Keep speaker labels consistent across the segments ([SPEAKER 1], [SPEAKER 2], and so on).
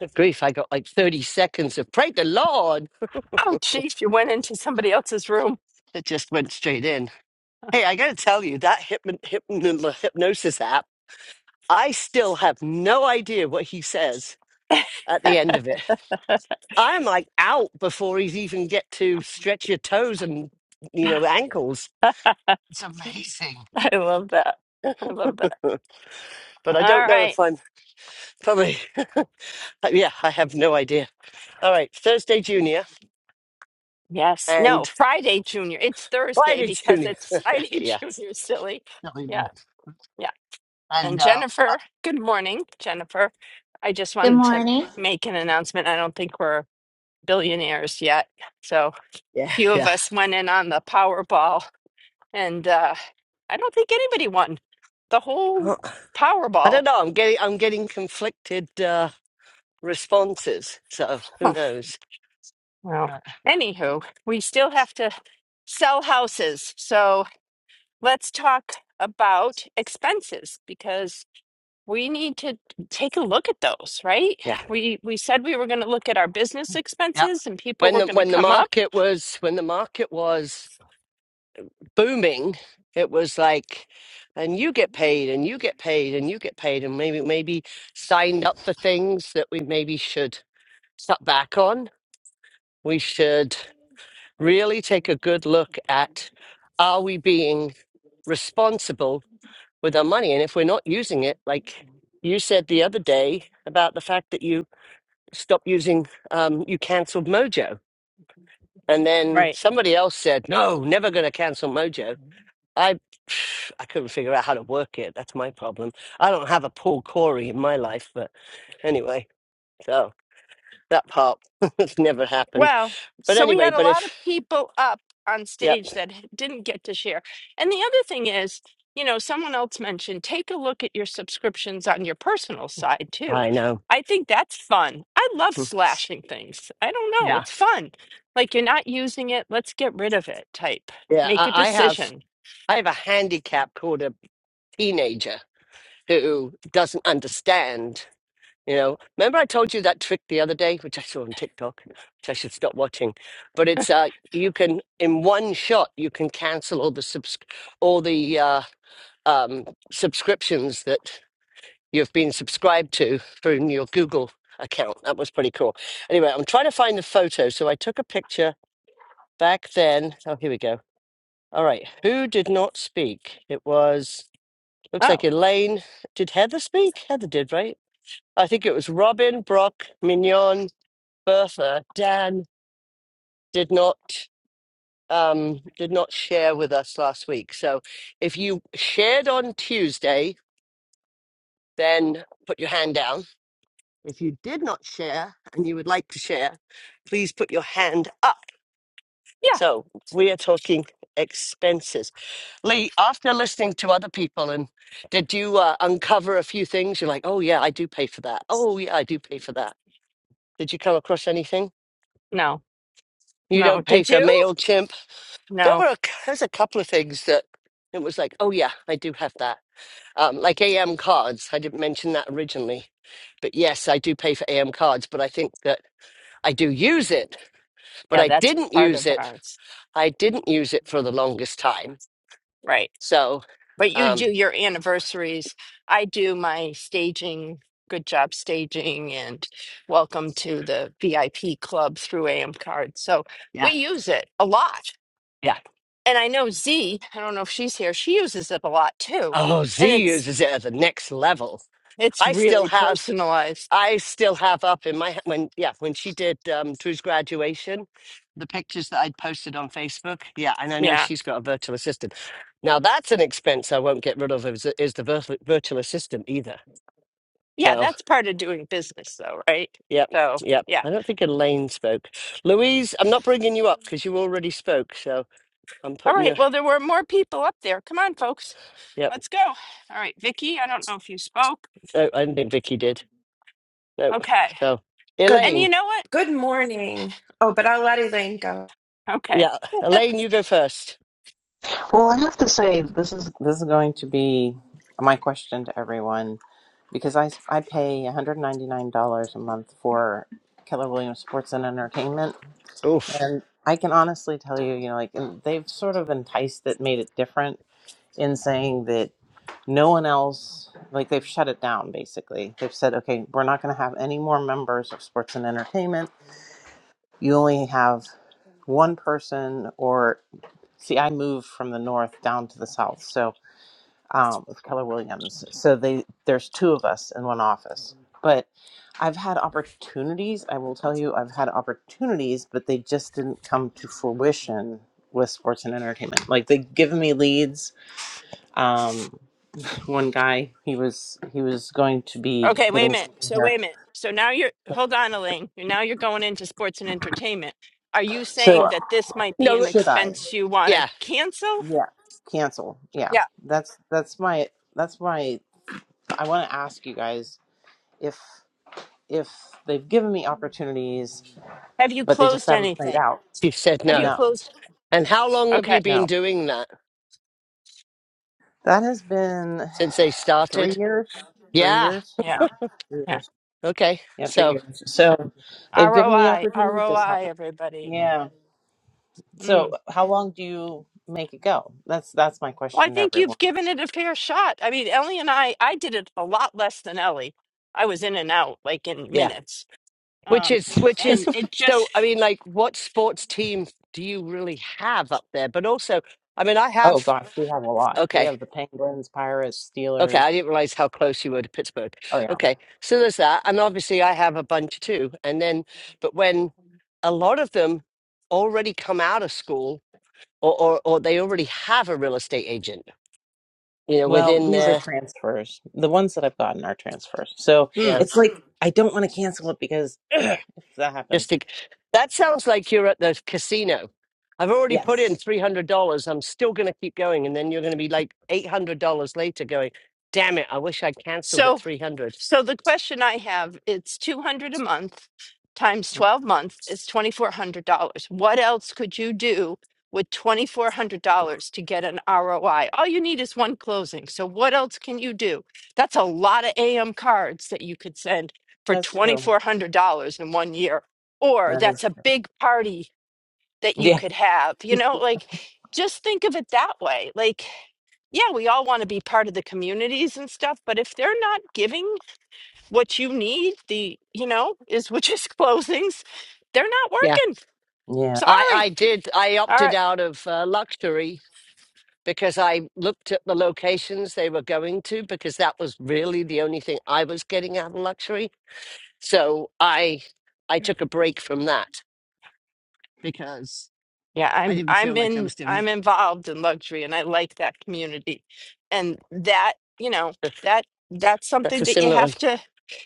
[SPEAKER 1] Good grief, I got like 30 seconds of pray the Lord
[SPEAKER 2] Oh, geez, you went into somebody else's room.
[SPEAKER 1] that just went straight in. Hey, I gotta tell you, that hypno- hypno- hypnosis app, I still have no idea what he says at the end of it.
[SPEAKER 2] I
[SPEAKER 1] I'm like out before he's even get to stretch your toes and, you know, ankles. It's amazing.
[SPEAKER 2] love that. I love that.
[SPEAKER 1] But I don't
[SPEAKER 2] All
[SPEAKER 1] know
[SPEAKER 2] right.
[SPEAKER 1] if I'm probably, yeah, I have no idea. All right, Thursday Junior
[SPEAKER 2] Yes. No,
[SPEAKER 1] and
[SPEAKER 2] Friday, Junior. It's Thursday
[SPEAKER 1] Friday
[SPEAKER 2] because
[SPEAKER 1] Junior.
[SPEAKER 2] it's Friday,
[SPEAKER 1] yeah.
[SPEAKER 2] Junior, silly.
[SPEAKER 1] know what I
[SPEAKER 2] Yeah.
[SPEAKER 1] mean.
[SPEAKER 2] Yeah.
[SPEAKER 1] And
[SPEAKER 2] And
[SPEAKER 1] uh, uh,
[SPEAKER 2] Jennifer, good morning, Jennifer. I just
[SPEAKER 3] Good
[SPEAKER 2] wanted to
[SPEAKER 3] morning.
[SPEAKER 2] make an announcement. I don't think we're billionaires yet. So,
[SPEAKER 1] yeah,
[SPEAKER 2] few of
[SPEAKER 1] yeah.
[SPEAKER 2] us went in on the Powerball, and uh, I don't think anybody won the whole
[SPEAKER 1] I
[SPEAKER 2] Powerball.
[SPEAKER 1] don't know. I'm getting I'm getting conflicted uh, responses. So who knows?
[SPEAKER 2] Well,
[SPEAKER 1] Uh,
[SPEAKER 2] anywho, we still have to sell houses. So let's talk about expenses because we need to take a look at those, right?
[SPEAKER 1] Yeah.
[SPEAKER 2] We we said we were going to look at our business
[SPEAKER 1] yep.
[SPEAKER 2] expenses and people
[SPEAKER 1] When
[SPEAKER 2] were
[SPEAKER 1] the
[SPEAKER 2] going to
[SPEAKER 1] when the
[SPEAKER 2] come up.
[SPEAKER 1] market was when the market was booming, it was like, and you get paid, and you get paid, and you get paid, and maybe maybe signed up for things that we maybe should cut back on. We should really take a good look at: Are we being responsible with our money. And if we're not using it, like you said the other day about the fact that you stopped using, um, you canceled Mojo. And then somebody else said, no, never going to cancel Mojo. I, I couldn't figure out how to work it. That's my problem. I don't have a Paul Corey in my life, but anyway, so that part has never happened.
[SPEAKER 2] Wow.
[SPEAKER 1] But
[SPEAKER 2] So we
[SPEAKER 1] anyway,
[SPEAKER 2] had a
[SPEAKER 1] but
[SPEAKER 2] lot of
[SPEAKER 1] if,
[SPEAKER 2] people up on
[SPEAKER 1] yep,
[SPEAKER 2] stage that h- didn't get to share. And the other thing is, you know, someone else mentioned take a look at your subscriptions on your personal side too.
[SPEAKER 1] I know.
[SPEAKER 2] I think that's fun. I love slashing things. I don't know.
[SPEAKER 1] Yeah.
[SPEAKER 2] It's fun. Like you're not using it, let's get rid of it type.
[SPEAKER 1] Yeah.
[SPEAKER 2] Make a
[SPEAKER 1] I, I have,
[SPEAKER 2] decision.
[SPEAKER 1] I have a handicap called a teenager who doesn't understand. You know, remember I told you that trick the other day, which I saw on TikTok, which I should stop watching. But it's uh, you can in one shot you can cancel all the subs all the uh, um, subscriptions that you've been subscribed to from your Google account. That was pretty cool. Anyway, I'm trying to find the photo, so I took a picture back then. Oh, here we go. All right, who did not speak? It was looks like
[SPEAKER 2] Oh,
[SPEAKER 1] Elaine. Did Heather speak? Heather did, right? I think it was Robin, Brock, Mignon, Bertha, Dan did not um did not share with us last week. So if you shared on Tuesday, then put your hand down. If you did not share and you would like to share, please put your hand up.
[SPEAKER 2] yeah.
[SPEAKER 1] So we are talking expenses. Lee, after listening to other people and did you uh, uncover a few things? You're like, oh yeah, I do pay for that. Oh yeah, I do pay for that. Did you come across anything?
[SPEAKER 2] No,
[SPEAKER 1] You
[SPEAKER 2] no.
[SPEAKER 1] don't pay
[SPEAKER 2] Did
[SPEAKER 1] for
[SPEAKER 2] you?
[SPEAKER 1] MailChimp. There
[SPEAKER 2] No.
[SPEAKER 1] were a, there's a couple of things that it was like, oh yeah, I do have that. Um, like AM cards. I didn't mention that originally. But yes, I do pay for AM cards, but I think that I do use it, but
[SPEAKER 2] Yeah,
[SPEAKER 1] I
[SPEAKER 2] that's
[SPEAKER 1] didn't
[SPEAKER 2] part
[SPEAKER 1] use
[SPEAKER 2] of
[SPEAKER 1] it.
[SPEAKER 2] ours.
[SPEAKER 1] I didn't use it for the longest time.
[SPEAKER 2] right?
[SPEAKER 1] So,
[SPEAKER 2] But you
[SPEAKER 1] um,
[SPEAKER 2] do your anniversaries. I do my staging, good job staging, and welcome to the VIP club through AM Card. So we
[SPEAKER 1] yeah,
[SPEAKER 2] use it a lot.
[SPEAKER 1] yeah.
[SPEAKER 2] And I know Z, I don't know if she's here, she uses it a lot too.
[SPEAKER 1] Oh,
[SPEAKER 2] And
[SPEAKER 1] Z
[SPEAKER 2] it's
[SPEAKER 1] uses it at the next level.
[SPEAKER 2] it's
[SPEAKER 1] I still
[SPEAKER 2] really
[SPEAKER 1] have
[SPEAKER 2] personalized.
[SPEAKER 1] I still have up in my when yeah when she did um, Drew's graduation, the pictures that I'd posted on Facebook. Yeah, and I know
[SPEAKER 2] Yeah.
[SPEAKER 1] she's got a virtual assistant. Now that's an expense I won't get rid of is, is the virtual, virtual assistant either.
[SPEAKER 2] Yeah,
[SPEAKER 1] So
[SPEAKER 2] that's part of doing business though, right?
[SPEAKER 1] yep,
[SPEAKER 2] So
[SPEAKER 1] yep.
[SPEAKER 2] yeah.
[SPEAKER 1] I don't think Elaine spoke. Louise, I'm not bringing you up because you already spoke. So I'm
[SPEAKER 2] All
[SPEAKER 1] putting
[SPEAKER 2] right.
[SPEAKER 1] you.
[SPEAKER 2] Well, there were more people up there. Come on, folks.
[SPEAKER 1] Yep.
[SPEAKER 2] Let's go. All right, Vicky, I don't know if you spoke.
[SPEAKER 1] No, I don't think Vicky did. No.
[SPEAKER 2] Okay.
[SPEAKER 1] So
[SPEAKER 4] Good
[SPEAKER 2] And you
[SPEAKER 1] Elaine,
[SPEAKER 2] know what?
[SPEAKER 4] good morning. Oh, but I'll let Elaine go.
[SPEAKER 2] Okay.
[SPEAKER 1] yeah, Elaine, you go first.
[SPEAKER 5] Well, I have to say this is this is going to be my question to everyone because I I pay one hundred ninety nine dollars a month for Keller Williams Sports and Entertainment,
[SPEAKER 1] Oof.
[SPEAKER 5] and I can honestly tell you, you know, like and they've sort of enticed it, made it different in saying that no one else, like they've shut it down basically. They've said, okay, we're not going to have any more members of Sports and Entertainment. You only have one person, or see, I moved from the north down to the south, so um, with Keller Williams. So they there's two of us in one office. But I've had opportunities. I will tell you, I've had opportunities, but they just didn't come to fruition with sports and entertainment. Like they give me leads. Um, one guy, he was he was going to be
[SPEAKER 2] Okay, wait a
[SPEAKER 5] getting
[SPEAKER 2] minute.
[SPEAKER 5] something
[SPEAKER 2] So
[SPEAKER 5] here.
[SPEAKER 2] wait a minute. So now you're hold on, Elaine. You're now you're going into sports and entertainment. Are you saying
[SPEAKER 5] So
[SPEAKER 2] that this might be an
[SPEAKER 1] No.
[SPEAKER 5] should I?
[SPEAKER 2] expense you want to
[SPEAKER 1] Yeah,
[SPEAKER 2] cancel?
[SPEAKER 5] Yeah, cancel. Yeah,
[SPEAKER 2] Yeah.
[SPEAKER 5] that's that's my that's my. I want to ask you guys if if they've given me opportunities
[SPEAKER 2] Have you
[SPEAKER 5] but they just
[SPEAKER 2] closed
[SPEAKER 5] haven't played
[SPEAKER 2] anything?
[SPEAKER 5] out.
[SPEAKER 1] she said
[SPEAKER 2] Have you
[SPEAKER 1] no.
[SPEAKER 5] No,
[SPEAKER 2] closed?
[SPEAKER 1] And how long have you
[SPEAKER 2] Okay.
[SPEAKER 1] been
[SPEAKER 5] no.
[SPEAKER 1] doing that
[SPEAKER 5] That has been
[SPEAKER 1] since they
[SPEAKER 5] three
[SPEAKER 1] started?
[SPEAKER 5] years. Three
[SPEAKER 1] Yeah.
[SPEAKER 5] years?
[SPEAKER 2] Yeah.
[SPEAKER 5] No, three
[SPEAKER 2] Yeah.
[SPEAKER 5] years.
[SPEAKER 1] Okay.
[SPEAKER 5] Yeah, three
[SPEAKER 1] So
[SPEAKER 5] years. So they've given me
[SPEAKER 2] ROI,
[SPEAKER 5] opportunities, just
[SPEAKER 2] ROI,
[SPEAKER 5] haven't.
[SPEAKER 2] everybody.
[SPEAKER 5] Yeah. So
[SPEAKER 2] Mm.
[SPEAKER 5] how long do you make it go? That's that's my
[SPEAKER 2] Well, I
[SPEAKER 5] question to
[SPEAKER 2] think you've
[SPEAKER 5] everyone.
[SPEAKER 2] given it a fair shot. I mean, Ellie and I, I did it a lot less than Ellie. I was in and out like in
[SPEAKER 1] yeah,
[SPEAKER 2] minutes.
[SPEAKER 1] which
[SPEAKER 2] Um,
[SPEAKER 1] is which is
[SPEAKER 2] and it just
[SPEAKER 1] so. I mean, like, what sports team do you really have up there? But also, I mean, I
[SPEAKER 5] Oh
[SPEAKER 1] have.
[SPEAKER 5] gosh, we have a lot. We
[SPEAKER 1] Okay.
[SPEAKER 5] have the Penguins, Pirates,
[SPEAKER 1] Okay. I
[SPEAKER 5] Steelers.
[SPEAKER 1] didn't realize how close you were to Pittsburgh.
[SPEAKER 5] Oh yeah.
[SPEAKER 1] Okay. So there's that, and obviously I have a bunch too. And then, but when a lot of them already come out of school, or or, or they already have a real estate agent, you know,
[SPEAKER 5] Well,
[SPEAKER 1] within
[SPEAKER 5] these are
[SPEAKER 1] their.
[SPEAKER 5] transfers. The ones that I've gotten are transfers. So
[SPEAKER 1] yeah,
[SPEAKER 2] Hmm.
[SPEAKER 5] it's like I don't want to cancel it because if that
[SPEAKER 1] Just
[SPEAKER 5] happens,
[SPEAKER 1] to, that sounds like you're at the casino. I've already put in
[SPEAKER 5] yes,
[SPEAKER 1] three hundred dollars. I'm still going to keep going, and then you're going to be like eight hundred dollars later, going, "Damn it! I wish I cancelled at
[SPEAKER 2] So,
[SPEAKER 1] three hundred.
[SPEAKER 2] so the question I have, it's 200 a month times 12 months is $2,400. What else could you do with $2,400 to get an ROI? All you need is one closing. So what else can you do? That's a lot of AM cards that you could send for
[SPEAKER 5] that's true.
[SPEAKER 2] $2,400 in one year. Or
[SPEAKER 5] That
[SPEAKER 2] that's
[SPEAKER 5] is
[SPEAKER 2] a
[SPEAKER 5] true.
[SPEAKER 2] big party that you
[SPEAKER 5] Yeah.
[SPEAKER 2] could have. You know, like just think of it that way. Like, yeah, we all want to be part of the communities and stuff, but if they're not giving what you need, the, you know, is which is closings, they're not
[SPEAKER 1] Yeah,
[SPEAKER 2] working.
[SPEAKER 5] Yeah.
[SPEAKER 1] I
[SPEAKER 2] Sorry.
[SPEAKER 1] I did. I
[SPEAKER 2] All
[SPEAKER 1] opted
[SPEAKER 2] right.
[SPEAKER 1] out of uh, luxury because I looked at the locations they were going to because that was really the only thing I was getting out of luxury. So I I took a break from that because
[SPEAKER 2] Yeah,
[SPEAKER 1] I
[SPEAKER 2] I'm
[SPEAKER 1] didn't
[SPEAKER 2] I'm
[SPEAKER 1] feel like I
[SPEAKER 2] in
[SPEAKER 1] was doing
[SPEAKER 2] I'm involved in luxury and I like that community. And that, you know,
[SPEAKER 1] it.
[SPEAKER 2] that that's
[SPEAKER 1] That's
[SPEAKER 2] something
[SPEAKER 1] a
[SPEAKER 2] that you
[SPEAKER 1] similar
[SPEAKER 2] have
[SPEAKER 1] one.
[SPEAKER 2] to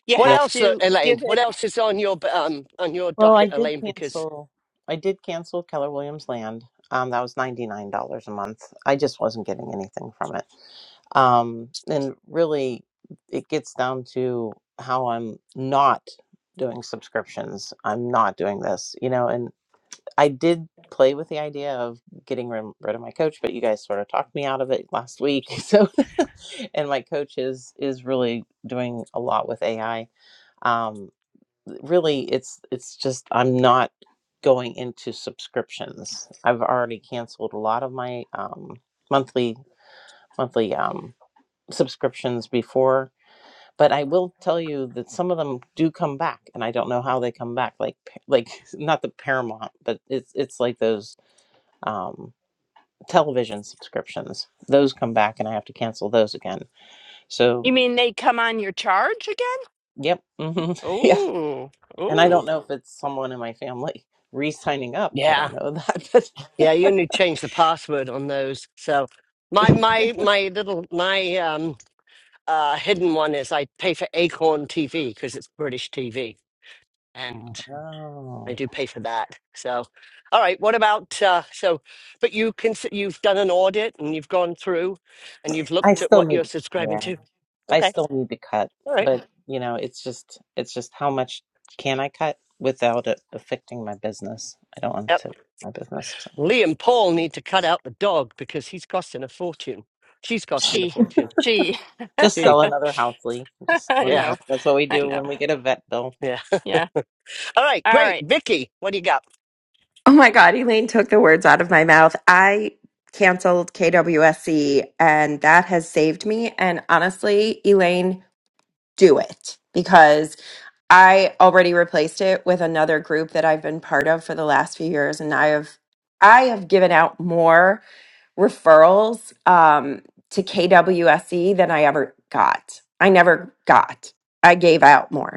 [SPEAKER 2] you
[SPEAKER 1] What
[SPEAKER 5] Yeah.
[SPEAKER 2] have
[SPEAKER 1] else, uh,
[SPEAKER 2] to
[SPEAKER 1] Elaine?
[SPEAKER 2] give
[SPEAKER 1] What
[SPEAKER 2] it.
[SPEAKER 1] else is on your um on your
[SPEAKER 5] Well,
[SPEAKER 1] docket,
[SPEAKER 5] I did
[SPEAKER 1] Elaine? Because
[SPEAKER 5] cancel. I did cancel Keller Williams Land. Um, that was ninety nine dollars a month. I just wasn't getting anything from it. Um, and really, it gets down to how I'm not doing subscriptions. I'm not doing this, you know. And I did play with the idea of getting rid, rid of my coach, but you guys sort of talked me out of it last week. So, and my coach is is really doing a lot with AI. Um, really it's it's just i'm not going into subscriptions i've already canceled a lot of my um, monthly monthly um, subscriptions before but i will tell you that some of them do come back and i don't know how they come back like like not the paramount but it's it's like those um, television subscriptions those come back and i have to cancel those again so
[SPEAKER 2] You mean they come on your charge again?
[SPEAKER 5] yep hmm yeah
[SPEAKER 2] Oh,
[SPEAKER 5] and i
[SPEAKER 2] oh.
[SPEAKER 5] don't know if it's someone in my family re-signing up i don't
[SPEAKER 1] yeah,
[SPEAKER 5] know that but
[SPEAKER 1] yeah, you need to change the password on those. So my my my little my um uh hidden one is I pay for Acorn TV because it's British TV, and. I
[SPEAKER 5] Oh,
[SPEAKER 1] do pay for that. So, all right. What about uh, so? But you can you've done an audit and you've gone through, and you've
[SPEAKER 5] I
[SPEAKER 1] looked at
[SPEAKER 5] still
[SPEAKER 1] what
[SPEAKER 5] need,
[SPEAKER 1] you're subscribing
[SPEAKER 5] yeah,
[SPEAKER 1] to.
[SPEAKER 5] I
[SPEAKER 1] Okay.
[SPEAKER 5] still need to cut,
[SPEAKER 1] All right.
[SPEAKER 5] but you know, it's just, it's just how much can I cut without it affecting my business? I don't want to
[SPEAKER 1] Yep.
[SPEAKER 5] my business. So
[SPEAKER 1] Lee and Paul need to cut out the dog because he's costing a fortune. She's costing a
[SPEAKER 2] She,
[SPEAKER 1] fortune.
[SPEAKER 2] she.
[SPEAKER 5] just
[SPEAKER 1] He.
[SPEAKER 5] sell another house, Lee. Just sell
[SPEAKER 2] I
[SPEAKER 1] Yeah.
[SPEAKER 2] know,
[SPEAKER 5] another. That's what we
[SPEAKER 2] I
[SPEAKER 5] do
[SPEAKER 2] know.
[SPEAKER 5] when we get a vet bill.
[SPEAKER 1] Yeah.
[SPEAKER 2] Yeah.
[SPEAKER 1] All right.
[SPEAKER 2] All
[SPEAKER 1] Great,
[SPEAKER 2] right,
[SPEAKER 1] Vicky. What do you got?
[SPEAKER 4] Oh my God, Elaine took the words out of my mouth. I canceled KWSC and that has saved me. And honestly, Elaine, do it because I already replaced it with another group that I've been part of for the last few years. And I have, I have given out more referrals um, to KWSC than I ever got. I never got. I gave out more.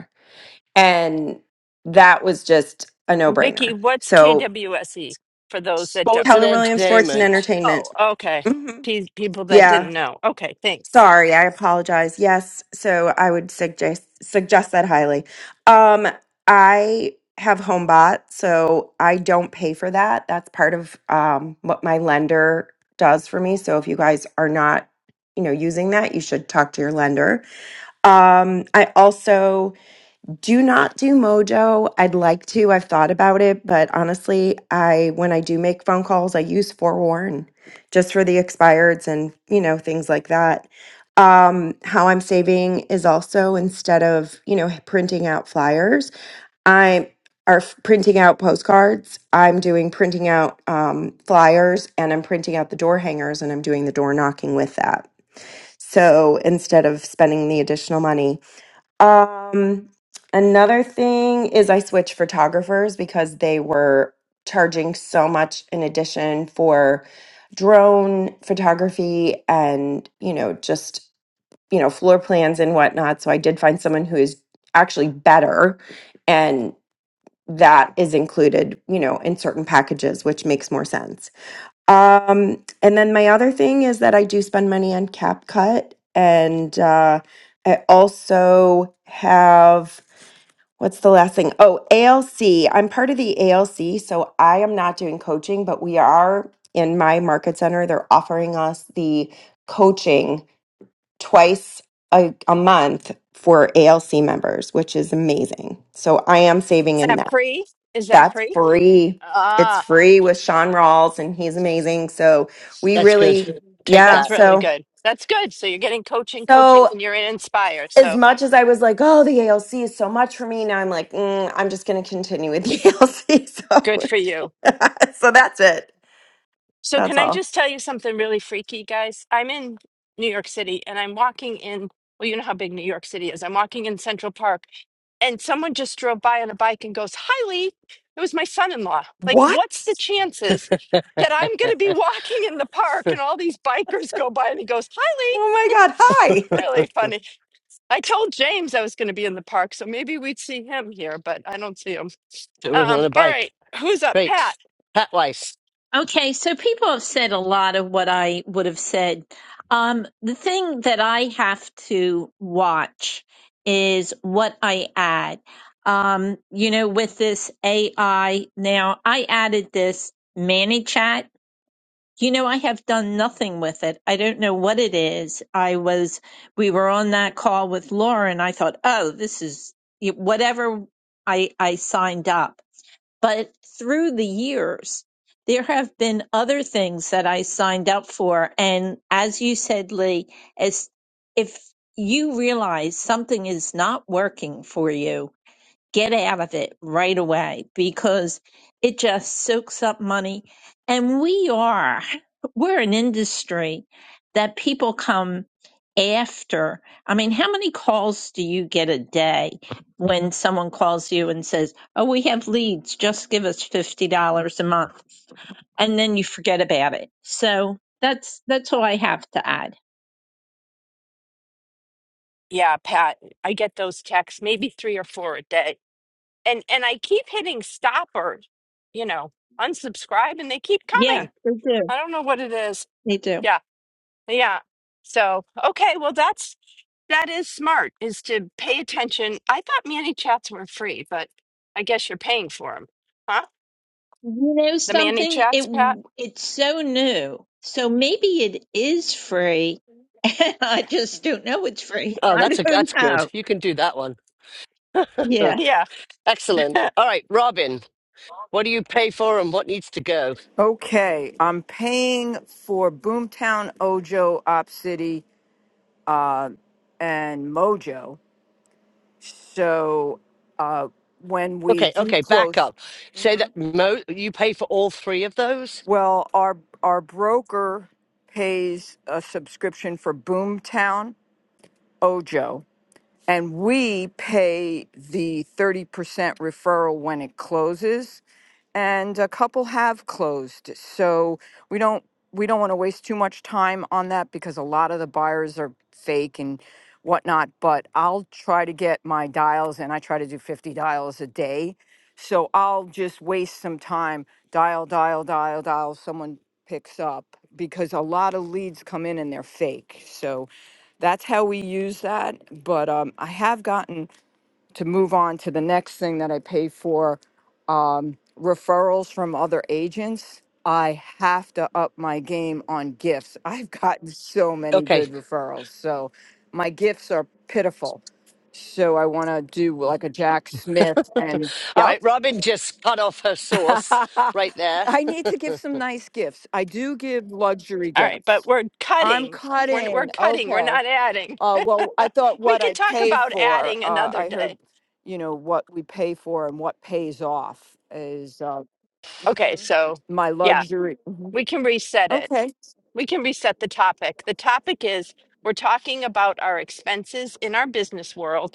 [SPEAKER 4] And that was just a no
[SPEAKER 2] Vicky.
[SPEAKER 4] brainer.
[SPEAKER 2] What's
[SPEAKER 4] So
[SPEAKER 2] KWSE for those that don't?
[SPEAKER 1] Sports and
[SPEAKER 4] Keller Williams Sports and
[SPEAKER 1] entertainment.
[SPEAKER 2] Oh,
[SPEAKER 4] Entertainment.
[SPEAKER 2] okay.
[SPEAKER 4] hmm
[SPEAKER 2] Pe- people that
[SPEAKER 4] Yeah.
[SPEAKER 2] didn't know. Okay, thanks.
[SPEAKER 4] Sorry. I apologize. Yes. So I would suggest, suggest that highly. Um, I have HomeBot, so I don't pay for that. That's part of um, what my lender does for me. So if you guys are not, you know, using that, you should talk to your lender. Um, I also Do not do Mojo. I'd like to. I've thought about it, but honestly, I when I do make phone calls, I use Forewarn just for the expireds and, you know, things like that. Um, how I'm saving is also instead of, you know, printing out flyers, I are f- printing out postcards. I'm doing printing out um, flyers and I'm printing out the door hangers and I'm doing the door knocking with that. So instead of spending the additional money, um, another thing is I switched photographers because they were charging so much in addition for drone photography and, you know, just, you know, floor plans and whatnot. So I did find someone who is actually better and that is included, you know, in certain packages, which makes more sense. Um, and then my other thing is that I do spend money on CapCut, and uh, I also have what's the last thing? Oh, ALC. I'm part of the ALC, so I am not doing coaching, but we are in my market center. They're offering us the coaching twice a, a month for ALC members, which is amazing. So I am saving
[SPEAKER 2] Is
[SPEAKER 4] in
[SPEAKER 2] that
[SPEAKER 4] that.
[SPEAKER 2] free? Is that
[SPEAKER 4] That's
[SPEAKER 2] free?
[SPEAKER 4] free. It's
[SPEAKER 2] Ah,
[SPEAKER 4] free with Sean Rawls, and he's amazing. So we
[SPEAKER 1] That's good.
[SPEAKER 4] really,
[SPEAKER 1] Take
[SPEAKER 4] yeah.
[SPEAKER 2] that's
[SPEAKER 1] that.
[SPEAKER 2] really
[SPEAKER 4] So,
[SPEAKER 2] good. That's good. So you're getting coaching, coaching,
[SPEAKER 4] so
[SPEAKER 2] and you're in Inspire.
[SPEAKER 4] as
[SPEAKER 2] So
[SPEAKER 4] much as I was like, oh, the ALC is so much for me, now I'm like, mm, I'm just going to continue with the ALC.
[SPEAKER 2] good
[SPEAKER 4] So,
[SPEAKER 2] for you.
[SPEAKER 4] so that's it.
[SPEAKER 2] So can
[SPEAKER 4] That's
[SPEAKER 2] I
[SPEAKER 4] all.
[SPEAKER 2] just tell you something really freaky, guys? I'm in New York City, and I'm walking in. Well, you know how big New York City is. I'm walking in Central Park and someone just drove by on a bike and goes, Hi, Lee, it was my son in law. Like, what's
[SPEAKER 4] What?
[SPEAKER 2] the chances that I'm going to be walking in the park and all these bikers go by and he goes, Hi, Lee?
[SPEAKER 4] Oh my God. Hi.
[SPEAKER 2] Really funny. I told James I was going to be in the park, so maybe we'd see him here, but I don't see him.
[SPEAKER 1] It wasn't
[SPEAKER 2] Um,
[SPEAKER 1] on a
[SPEAKER 2] all right,
[SPEAKER 1] bike.
[SPEAKER 2] who's up? Pat.
[SPEAKER 1] Great. Pat Weiss.
[SPEAKER 6] Okay, so people have said a lot of what I would have said. Um, the thing that I have to watch is what I add. Um, you know, with this AI now, I added this ManyChat. You know, I have done nothing with it. I don't know what it is. I was, we were on that call with Laura, and I thought, oh, this is whatever I I signed up. But through the years, there have been other things that I signed up for. And as you said, Lee, as if you realize something is not working for you, get out of it right away because it just soaks up money. And we are, we're an industry that people come after. I mean, how many calls do you get a day when someone calls you and says, Oh, we have leads, just give us $50 a month. And then you forget about it. So that's, that's all I have to add.
[SPEAKER 2] Yeah, Pat. I get those texts, maybe three or four a day. And and I keep hitting stop or, you know, unsubscribe and they keep
[SPEAKER 6] Yeah,
[SPEAKER 2] coming.
[SPEAKER 6] they do.
[SPEAKER 2] I don't know what it is.
[SPEAKER 6] They do.
[SPEAKER 2] Yeah. Yeah. So, okay, well that's that is smart is to pay attention. I thought Manny chats were free, but I guess you're paying for them. Huh?
[SPEAKER 6] You know
[SPEAKER 2] The Manny
[SPEAKER 6] something?
[SPEAKER 2] chats, Pat?
[SPEAKER 6] It it's so new. So maybe it is free. I just don't know it's free.
[SPEAKER 1] Oh,
[SPEAKER 6] I
[SPEAKER 1] that's a
[SPEAKER 6] don't
[SPEAKER 1] that's good.
[SPEAKER 6] know.
[SPEAKER 1] You can do that one.
[SPEAKER 6] Yeah.
[SPEAKER 2] Yeah.
[SPEAKER 1] Excellent.
[SPEAKER 2] All
[SPEAKER 1] All right, Robin, what do you pay for and what needs to go?
[SPEAKER 7] Okay, I'm paying for Boomtown Ojo, Op City, uh, and Mojo. So uh, when we
[SPEAKER 1] Okay,
[SPEAKER 7] do
[SPEAKER 1] okay, back
[SPEAKER 7] close,
[SPEAKER 1] up. Say that Mo, you pay for all three of those?
[SPEAKER 7] well, our our broker pays a subscription for Boomtown Ojo, and we pay the thirty percent referral when it closes. and a couple have closed. So we don't we don't want to waste too much time on that because a lot of the buyers are fake and whatnot. But I'll try to get my dials, and I try to do fifty dials a day. So I'll just waste some time dial, dial, dial, dial. Someone picks up because a lot of leads come in and they're fake. So that's how we use that. But um, I have gotten to move on to the next thing that I pay for um, referrals from other agents. I have to up my game on gifts. I've gotten so many
[SPEAKER 1] Okay.
[SPEAKER 7] good referrals. So my gifts are pitiful. So I want to do like a Jack Smith and
[SPEAKER 1] All
[SPEAKER 7] yep.
[SPEAKER 1] right, Robin just cut off her sauce right there.
[SPEAKER 7] I need to give
[SPEAKER 1] well,
[SPEAKER 7] some nice gifts. I do give luxury
[SPEAKER 2] right, but
[SPEAKER 7] gifts.
[SPEAKER 2] we're
[SPEAKER 7] I'm
[SPEAKER 2] cutting. We're we're
[SPEAKER 7] cutting.
[SPEAKER 2] cutting. We're
[SPEAKER 7] Okay.
[SPEAKER 2] not adding.
[SPEAKER 7] Uh, well, I thought
[SPEAKER 2] we
[SPEAKER 7] what
[SPEAKER 2] can
[SPEAKER 7] I
[SPEAKER 2] talk
[SPEAKER 7] pay
[SPEAKER 2] about
[SPEAKER 7] for,
[SPEAKER 2] adding
[SPEAKER 7] uh,
[SPEAKER 2] another
[SPEAKER 7] I heard,
[SPEAKER 2] day.
[SPEAKER 7] you know, what we pay for and what pays off is, uh,
[SPEAKER 2] Okay,
[SPEAKER 7] Mhm.
[SPEAKER 2] so
[SPEAKER 7] my
[SPEAKER 2] yeah,
[SPEAKER 7] luxury.
[SPEAKER 2] we can reset it.
[SPEAKER 7] Okay.
[SPEAKER 2] We can reset the topic. The topic is we're talking about our expenses in our business world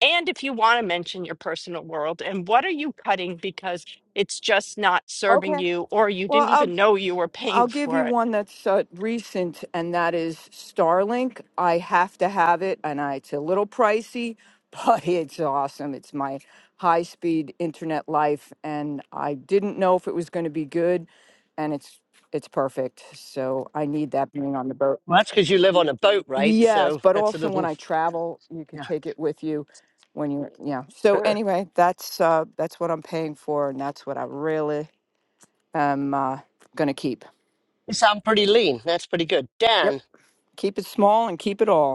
[SPEAKER 2] And if you want to mention your personal world and what are you cutting because it's just not serving
[SPEAKER 7] Okay.
[SPEAKER 2] you or you
[SPEAKER 7] Well,
[SPEAKER 2] didn't
[SPEAKER 7] I'll,
[SPEAKER 2] even know you were
[SPEAKER 7] I'll
[SPEAKER 2] paying
[SPEAKER 7] give
[SPEAKER 2] for
[SPEAKER 7] you
[SPEAKER 2] it.
[SPEAKER 7] one that's uh, recent and that is Starlink. I have to have it and I, it's a little pricey, but it's awesome. It's my high speed internet life and I didn't know if it was going to be good and it's, it's perfect. So I need that being on the boat.
[SPEAKER 1] that's because you live on a boat, right?
[SPEAKER 7] Yes,
[SPEAKER 1] So
[SPEAKER 7] but
[SPEAKER 1] that's a
[SPEAKER 7] also when
[SPEAKER 1] little,
[SPEAKER 7] I travel, you could
[SPEAKER 1] yeah.
[SPEAKER 7] take it with you when you yeah. So
[SPEAKER 1] Uh,
[SPEAKER 7] anyway, that's uh that's what I'm paying for and that's what I really am uh gonna keep.
[SPEAKER 1] You sound pretty lean. That's pretty good.
[SPEAKER 7] Yep.
[SPEAKER 1] Dan,
[SPEAKER 7] Keep it small and keep it all.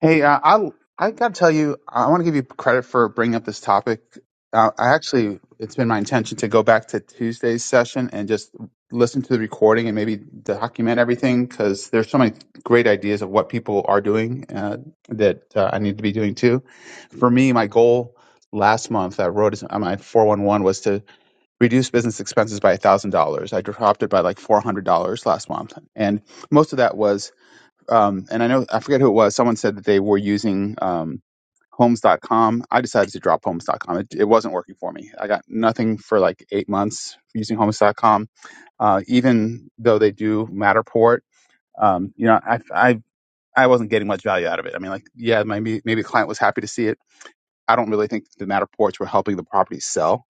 [SPEAKER 8] Hey, uh, I I got to tell you, I want to give you credit for bringing up this topic. Uh, I actually, it's been my intention to go back to Tuesday's session and just listen to the recording and maybe document everything because there's so many great ideas of what people are doing uh, that uh, I need to be doing too. For me, my goal last month, I wrote this on my 411 was to reduce business expenses by $1,000. I dropped it by like $400 last month. And most of that was um, and I know I forget who it was. Someone said that they were using um, Homes.com. I decided to drop Homes.com. It, it wasn't working for me. I got nothing for like eight months using Homes.com. Uh, even though they do Matterport, um, you know, I, I I wasn't getting much value out of it. I mean, like, yeah, maybe maybe a client was happy to see it. I don't really think the Matterports were helping the property sell.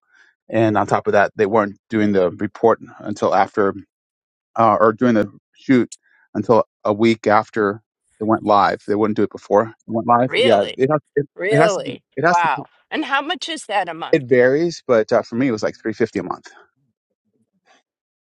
[SPEAKER 8] And on top of that, they weren't doing the report until after uh, or doing the shoot until a week after it went live. They wouldn't do it before it went live. Yeah,
[SPEAKER 2] Really?
[SPEAKER 8] it has, it, it has to.
[SPEAKER 2] Really?
[SPEAKER 8] It has to.
[SPEAKER 2] Wow. And how much is that a month?
[SPEAKER 8] It varies, but uh, for me, it was like three fifty a month.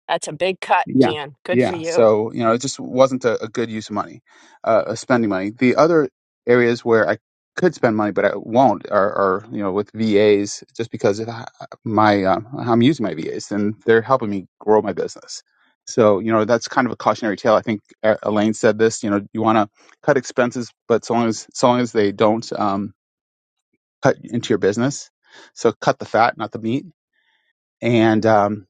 [SPEAKER 2] That's a big cut,
[SPEAKER 8] Yeah.
[SPEAKER 2] Jan. Good for
[SPEAKER 8] Yeah.
[SPEAKER 2] you.
[SPEAKER 8] So, you know, it just wasn't a, a good use of money, uh, of spending money. The other areas where I could spend money, but I won't are, are you know, with VAs just because of h- my, um, how I'm using my VAs and they're helping me grow my business. So, you know, that's kind of a cautionary tale. I think uh, Elaine said this, you know, you want to cut expenses, but so long as, so long as they don't, um, cut into your business. So cut the fat, not the meat. And, um,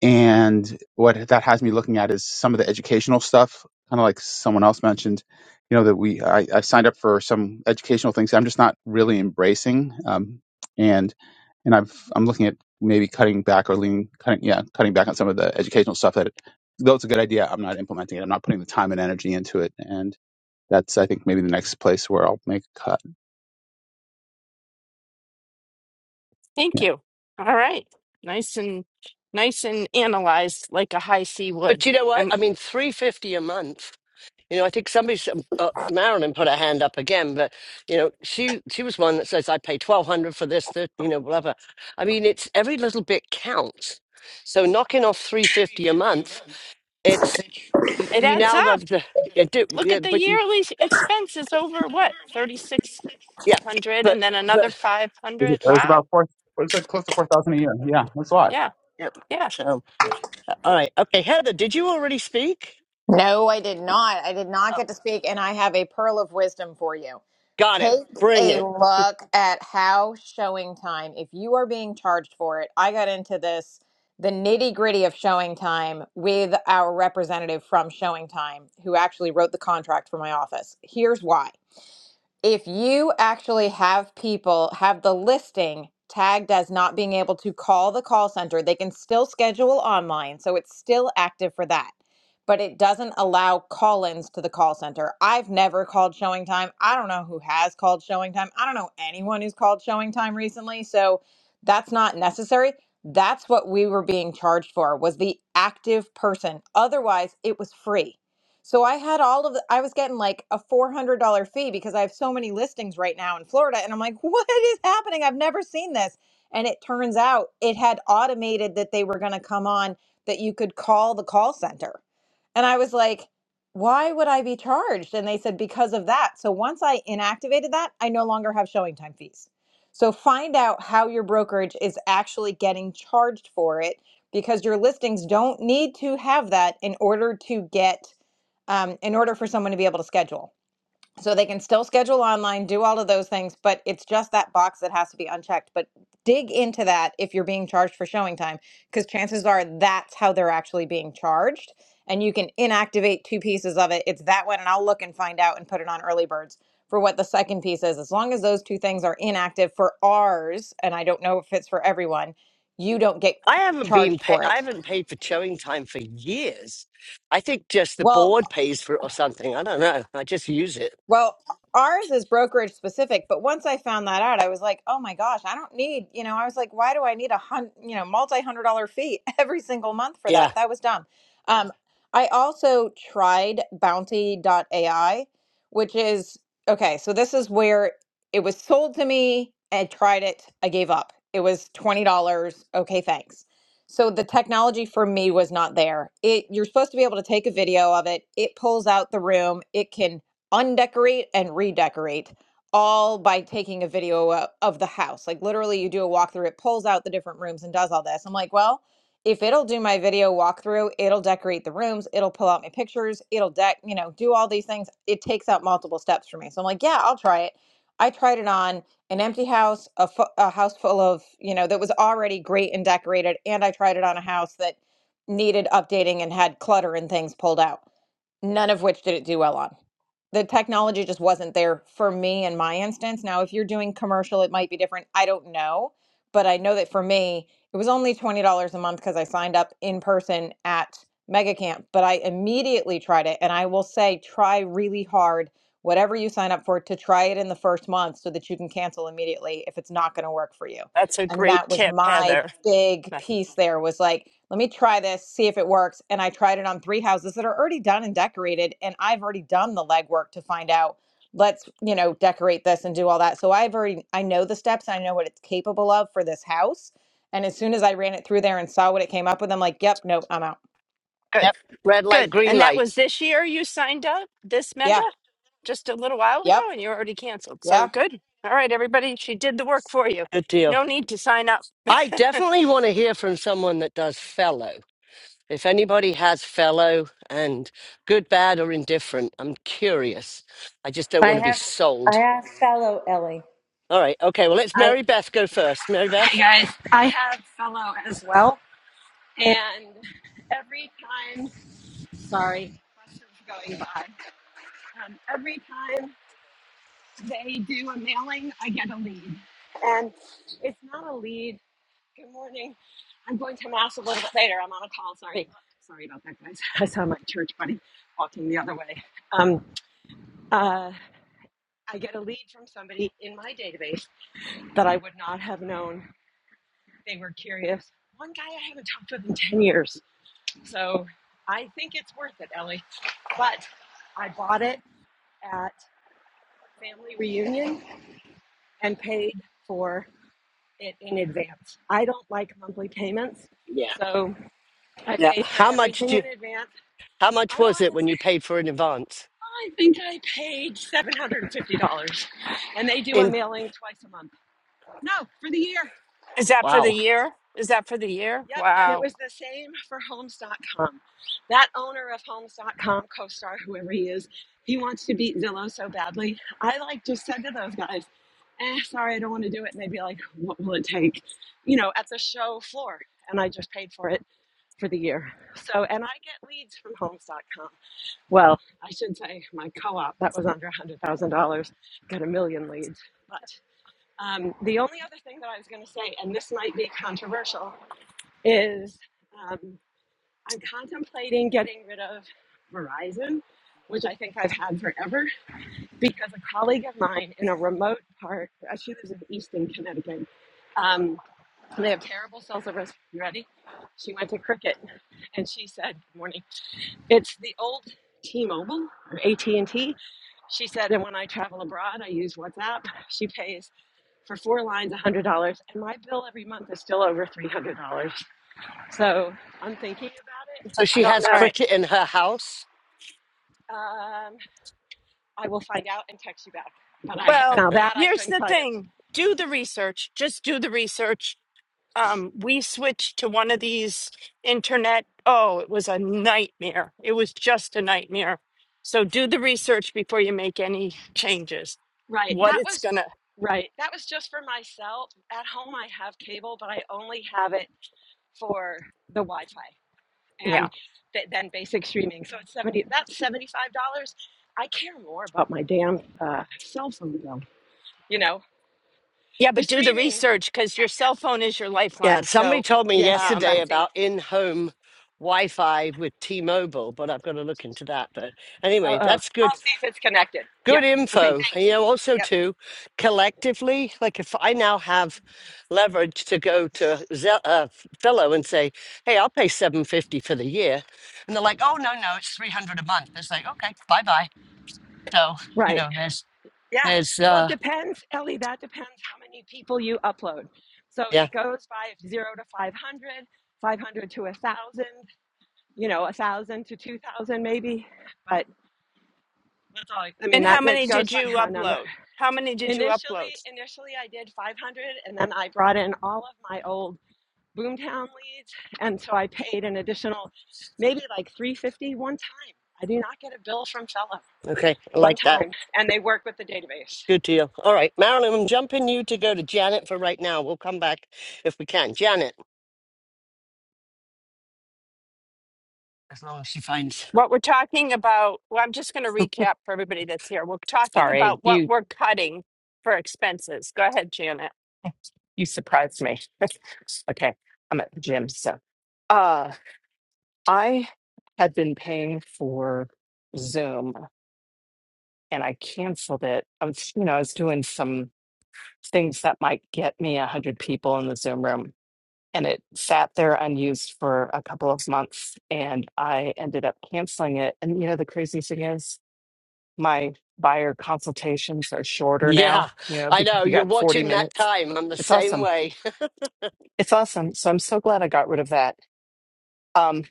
[SPEAKER 8] and what that has me looking at is some of the educational stuff, kind of like someone else mentioned, you know, that we, I, I signed up for some educational things I'm just not really embracing. Um, and, and I've, I'm looking at maybe cutting back or leaning, cutting, yeah, cutting back on some of the educational stuff that, though it's a good idea, I'm not implementing it. I'm not putting the time and energy into it. And that's, I think, maybe the next place where I'll make a cut.
[SPEAKER 2] Thank
[SPEAKER 8] Yeah.
[SPEAKER 2] you. All right. Nice and nice and analyzed like a high C
[SPEAKER 1] but
[SPEAKER 2] would.
[SPEAKER 1] you know what?
[SPEAKER 2] And
[SPEAKER 1] I mean, 350 a month. You know, I think somebody, uh, Marilyn, put her hand up again, but you know, she she was one that says I pay twelve hundred for this, that, you know, whatever. I mean, it's every little bit counts. So knocking off three fifty a month, it's y-
[SPEAKER 2] it
[SPEAKER 1] you
[SPEAKER 2] adds
[SPEAKER 1] now
[SPEAKER 2] up.
[SPEAKER 1] got to yeah, do,
[SPEAKER 2] Look
[SPEAKER 1] yeah,
[SPEAKER 2] at the
[SPEAKER 1] but you,
[SPEAKER 2] yearly s- expenses over what? 3600
[SPEAKER 1] yeah, but
[SPEAKER 2] and then another
[SPEAKER 1] but
[SPEAKER 8] It
[SPEAKER 2] 500.
[SPEAKER 8] was
[SPEAKER 2] Wow.
[SPEAKER 8] about four, it was like close to 4,000 a year. Yeah. That's a lot.
[SPEAKER 2] Yeah.
[SPEAKER 1] yeah.
[SPEAKER 2] Yeah.
[SPEAKER 1] So all right, okay, Heather, did you already speak?
[SPEAKER 9] No, I did not. I did not
[SPEAKER 1] Oh,
[SPEAKER 9] get to speak, and I have a pearl of wisdom for you.
[SPEAKER 1] got it.
[SPEAKER 9] Take
[SPEAKER 1] Bring
[SPEAKER 9] a
[SPEAKER 1] it.
[SPEAKER 9] look at how showing time, if you are being charged for it, I got into this, the nitty gritty of showing time with our representative from showing time who actually wrote the contract for my office. Here's why if you actually have people have the listing tagged as not being able to call the call center, they can still schedule online. So it's still active for that. But it doesn't allow call ins to the call center. I've never called showing time. I don't know who has called showing time. I don't know anyone who's called showing time recently. So that's not necessary. That's what we were being charged for was the active person. Otherwise, it was free so I had all of the, I was getting like a $400 fee because I have so many listings right now in Florida. And I'm like, what is happening? I've never seen this. And it turns out it had automated that they were going to come on, that you could call the call center. And I was like, why would I be charged? And they said, because of that. So once I inactivated that, I no longer have showing time fees. So find out how your brokerage is actually getting charged for it because your listings don't need to have that in order to get um, in order for someone to be able to schedule. So they can still schedule online, do all of those things, but it's just that box that has to be unchecked. But dig into that if you're being charged for showing time, because chances are that's how they're actually being charged. And you can inactivate two pieces of it. It's that one, and I'll look and find out and put it on early birds for what the second piece is. As long as those two things are inactive for ours, and I don't know if it's for everyone, you don't get
[SPEAKER 1] I haven't been
[SPEAKER 9] charged
[SPEAKER 1] paid.
[SPEAKER 9] for
[SPEAKER 1] I
[SPEAKER 9] it.
[SPEAKER 1] haven't paid for showing time for years. I think just the
[SPEAKER 9] Well,
[SPEAKER 1] board pays for it or something. I don't know. I just use it.
[SPEAKER 9] Well, ours is brokerage specific, but once I found that out, I was like, oh my gosh, I don't need, you know, I was like, why do I need a hun, you know, multi hundred dollar fee every single month for that?
[SPEAKER 1] Yeah.
[SPEAKER 9] That was dumb. Um, I also tried Bounty AI, which is okay. So this is where it was sold to me. I tried it. I gave up. It was $20. Okay, thanks. So the technology for me was not there. It you're supposed to be able to take a video of it. It pulls out the room. It can undecorate and redecorate all by taking a video o- of the house. Like literally you do a walkthrough, it pulls out the different rooms and does all this. I'm like, well, if it'll do my video walkthrough, it'll decorate the rooms, it'll pull out my pictures, it'll deck, you know, do all these things. It takes out multiple steps for me. So I'm like, yeah, I'll try it. I tried it on an empty house, a, fu- a house full of, you know, that was already great and decorated. And I tried it on a house that needed updating and had clutter and things pulled out, none of which did it do well on the technology just wasn't there for me in my instance. Now, if you're doing commercial, it might be different. I don't know, but I know that for me, it was only $20 a month because I signed up in person at MegaCamp. but I immediately tried it. And I will say, try really hard, whatever you sign up for, to try it in the first month so that you can cancel immediately if it's not going to work for you
[SPEAKER 2] That's a
[SPEAKER 9] and
[SPEAKER 2] great
[SPEAKER 9] that was
[SPEAKER 2] tip,
[SPEAKER 9] my
[SPEAKER 2] Heather.
[SPEAKER 9] big
[SPEAKER 2] That's
[SPEAKER 9] piece there was like let me try this see if it works and i tried it on three houses that are already done and decorated and i've already done the legwork to find out let's you know decorate this and do all that so i've already i know the steps i know what it's capable of for this house and as soon as i ran it through there and saw what it came up with i'm like yep nope i'm out
[SPEAKER 2] Good,
[SPEAKER 1] Yep. Red light,
[SPEAKER 2] good.
[SPEAKER 1] green
[SPEAKER 2] And that
[SPEAKER 1] light.
[SPEAKER 2] was this year you signed up, this mega,
[SPEAKER 9] yeah
[SPEAKER 2] just a little while ago,
[SPEAKER 9] yep
[SPEAKER 2] and you already canceled.
[SPEAKER 9] yeah
[SPEAKER 2] So good. All right, everybody, she did the work for you.
[SPEAKER 1] Good deal.
[SPEAKER 2] No need to sign up.
[SPEAKER 1] I definitely want to hear from someone that does fellow. If anybody has fellow and good, bad, or indifferent, I'm curious. I just don't
[SPEAKER 10] I
[SPEAKER 1] want to be
[SPEAKER 10] have I
[SPEAKER 1] sold.
[SPEAKER 10] have fellow Ellie.
[SPEAKER 1] All right. Okay. Well, let's
[SPEAKER 10] I,
[SPEAKER 1] Mary Beth go first. Mary
[SPEAKER 11] Hey
[SPEAKER 1] Beth.
[SPEAKER 11] guys, I have fellow as well, and every time, sorry, buses going by. Um, every time they do a mailing, I get a lead, and it's not a lead. Good morning. I'm going to mass a little bit later. I'm on a call. Sorry, sorry about that, guys. I saw my church buddy walking the other way. Um, uh, I get a lead from somebody in my database that I would not have known. They were curious. One guy I haven't talked with in ten years So I think it's worth it, Ellie. But I bought it at family reunion and paid for it in advance. I don't like monthly payments,
[SPEAKER 1] Yeah.
[SPEAKER 11] so I
[SPEAKER 1] Yeah.
[SPEAKER 11] paid for
[SPEAKER 1] How much
[SPEAKER 11] everything
[SPEAKER 1] do? You,
[SPEAKER 11] in advance.
[SPEAKER 1] how
[SPEAKER 11] I
[SPEAKER 1] much was
[SPEAKER 11] want
[SPEAKER 1] it
[SPEAKER 11] to say
[SPEAKER 1] when you paid for in advance?
[SPEAKER 11] I think I paid seven hundred and fifty dollars, and they do a
[SPEAKER 1] In
[SPEAKER 11] mailing twice a month. No, for the year. Yep.
[SPEAKER 2] Is that for
[SPEAKER 1] wow.
[SPEAKER 2] the year? Is that for the year?
[SPEAKER 11] Yep, and it
[SPEAKER 2] Wow.
[SPEAKER 11] was the same for homes.com. That owner of homes.com, co-star, whoever he is, he wants to beat Zillow so badly. I like just said to those guys, eh, sorry, I don't want to do it. And they'd be like, what will it take? You know, at the show floor. And I just paid for it for the year. So, and I get leads from homes.com. Well, I should say my co-op, that was under $100,000, got a million leads. But um, the only other thing that I was going to say, and this might be controversial, is um, I'm contemplating getting rid of Verizon, which I think I've had forever, because a colleague of mine in a remote part, uh, she lives in Easton, Connecticut, um, and they have terrible cell service. You ready? She went to Cricket, and she said, "Good morning." It's the old T-Mobile or AT&T. She said, and when I travel abroad, I use WhatsApp. She pays for four lines $100, and my bill every month is still over $300. So I'm thinking about it.
[SPEAKER 1] So
[SPEAKER 11] I
[SPEAKER 1] she
[SPEAKER 11] don't
[SPEAKER 1] has
[SPEAKER 11] know.
[SPEAKER 2] All right.
[SPEAKER 1] cricket in her house.
[SPEAKER 11] Um, I will find out and text you back. But I
[SPEAKER 2] Well,
[SPEAKER 11] now that I
[SPEAKER 2] here's
[SPEAKER 11] couldn't
[SPEAKER 2] the
[SPEAKER 11] tell you.
[SPEAKER 2] thing do the research. Just do the research um, we switched to one of these internet. Oh, it was a nightmare. It was just a nightmare. So do the research before you make any changes.
[SPEAKER 11] Right.
[SPEAKER 2] What
[SPEAKER 11] That
[SPEAKER 2] it's
[SPEAKER 11] was
[SPEAKER 2] gonna,
[SPEAKER 11] right. That was just for myself. At home, I have cable, but I only have it for the Wi-Fi
[SPEAKER 2] yeah,
[SPEAKER 11] and th- then basic streaming. So it's seventy. That's seventy-five dollars. I care more about my damn uh, cell phone bill. You know
[SPEAKER 2] yeah,
[SPEAKER 11] the
[SPEAKER 2] but do the
[SPEAKER 11] streaming. Yes.
[SPEAKER 2] research because your cell phone is your
[SPEAKER 1] Yeah,
[SPEAKER 2] lifeline.
[SPEAKER 1] somebody
[SPEAKER 2] So,
[SPEAKER 1] told me
[SPEAKER 11] Yes. Yes. Yes.
[SPEAKER 2] um,
[SPEAKER 11] I
[SPEAKER 1] yesterday
[SPEAKER 11] see.
[SPEAKER 1] about in-home Wi-Fi with T-Mobile, but I've got to look into that. But
[SPEAKER 11] Oh.
[SPEAKER 1] anyway,
[SPEAKER 11] Oh.
[SPEAKER 1] that's
[SPEAKER 11] I'll
[SPEAKER 1] good,
[SPEAKER 11] see if it's connected. Yep.
[SPEAKER 1] good
[SPEAKER 11] Okay.
[SPEAKER 1] info. And, you
[SPEAKER 11] Thanks.
[SPEAKER 1] know, also
[SPEAKER 11] Yep.
[SPEAKER 1] too, collectively, like if I now have leverage to go to Ze- uh, Fellow and say, "Hey, I'll pay seven fifty for the year," and they're like, "Oh no, no, it's three hundred a month." It's like, okay, bye bye. So you
[SPEAKER 11] Right.
[SPEAKER 1] know, there's,
[SPEAKER 11] Yeah.
[SPEAKER 1] there's,
[SPEAKER 11] Well, it
[SPEAKER 1] uh,
[SPEAKER 11] depends, Ellie. That depends how many people you upload. So
[SPEAKER 1] yeah,
[SPEAKER 11] it goes by zero to 500, 500 to a thousand, you know, a thousand to 2000 maybe. But that's all I, I mean,
[SPEAKER 2] and how
[SPEAKER 11] that, that
[SPEAKER 2] many
[SPEAKER 11] goes
[SPEAKER 2] did
[SPEAKER 11] by
[SPEAKER 2] you
[SPEAKER 11] a number.
[SPEAKER 2] upload? How many did you upload?
[SPEAKER 11] Initially, initially I did 500 and then I brought in all of my old Boomtown leads. And so I paid an additional, maybe like three fifty, one time. I do not get a bill from Fella
[SPEAKER 1] okay, I
[SPEAKER 11] one
[SPEAKER 1] like that.
[SPEAKER 11] time. And they work with the database.
[SPEAKER 1] Good deal. All right, Marilyn, I'm jumping you to go to Janet for right now. We'll come back if we can. Janet, as long as she finds.
[SPEAKER 2] What we're talking about, well, I'm just going to recap for everybody that's here. We're talking
[SPEAKER 12] Sorry,
[SPEAKER 2] about what
[SPEAKER 12] you
[SPEAKER 2] we're cutting for expenses. Go ahead, Janet.
[SPEAKER 12] you surprised me. okay, I'm at the gym, so uh I had been paying for Zoom and I canceled it. I was, you know, I was doing some things that might get me a hundred people in the Zoom room. And it sat there unused for a couple of months and I ended up canceling it. And you know, the crazy thing is my buyer consultations are shorter now,
[SPEAKER 1] Yeah,
[SPEAKER 12] you know,
[SPEAKER 1] I
[SPEAKER 12] because
[SPEAKER 1] know.
[SPEAKER 12] you
[SPEAKER 1] You're
[SPEAKER 12] got 40
[SPEAKER 1] watching that
[SPEAKER 12] minutes.
[SPEAKER 1] time. I'm the
[SPEAKER 12] It's
[SPEAKER 1] same
[SPEAKER 12] awesome
[SPEAKER 1] way.
[SPEAKER 12] It's awesome. So I'm so glad I got rid of that. Um,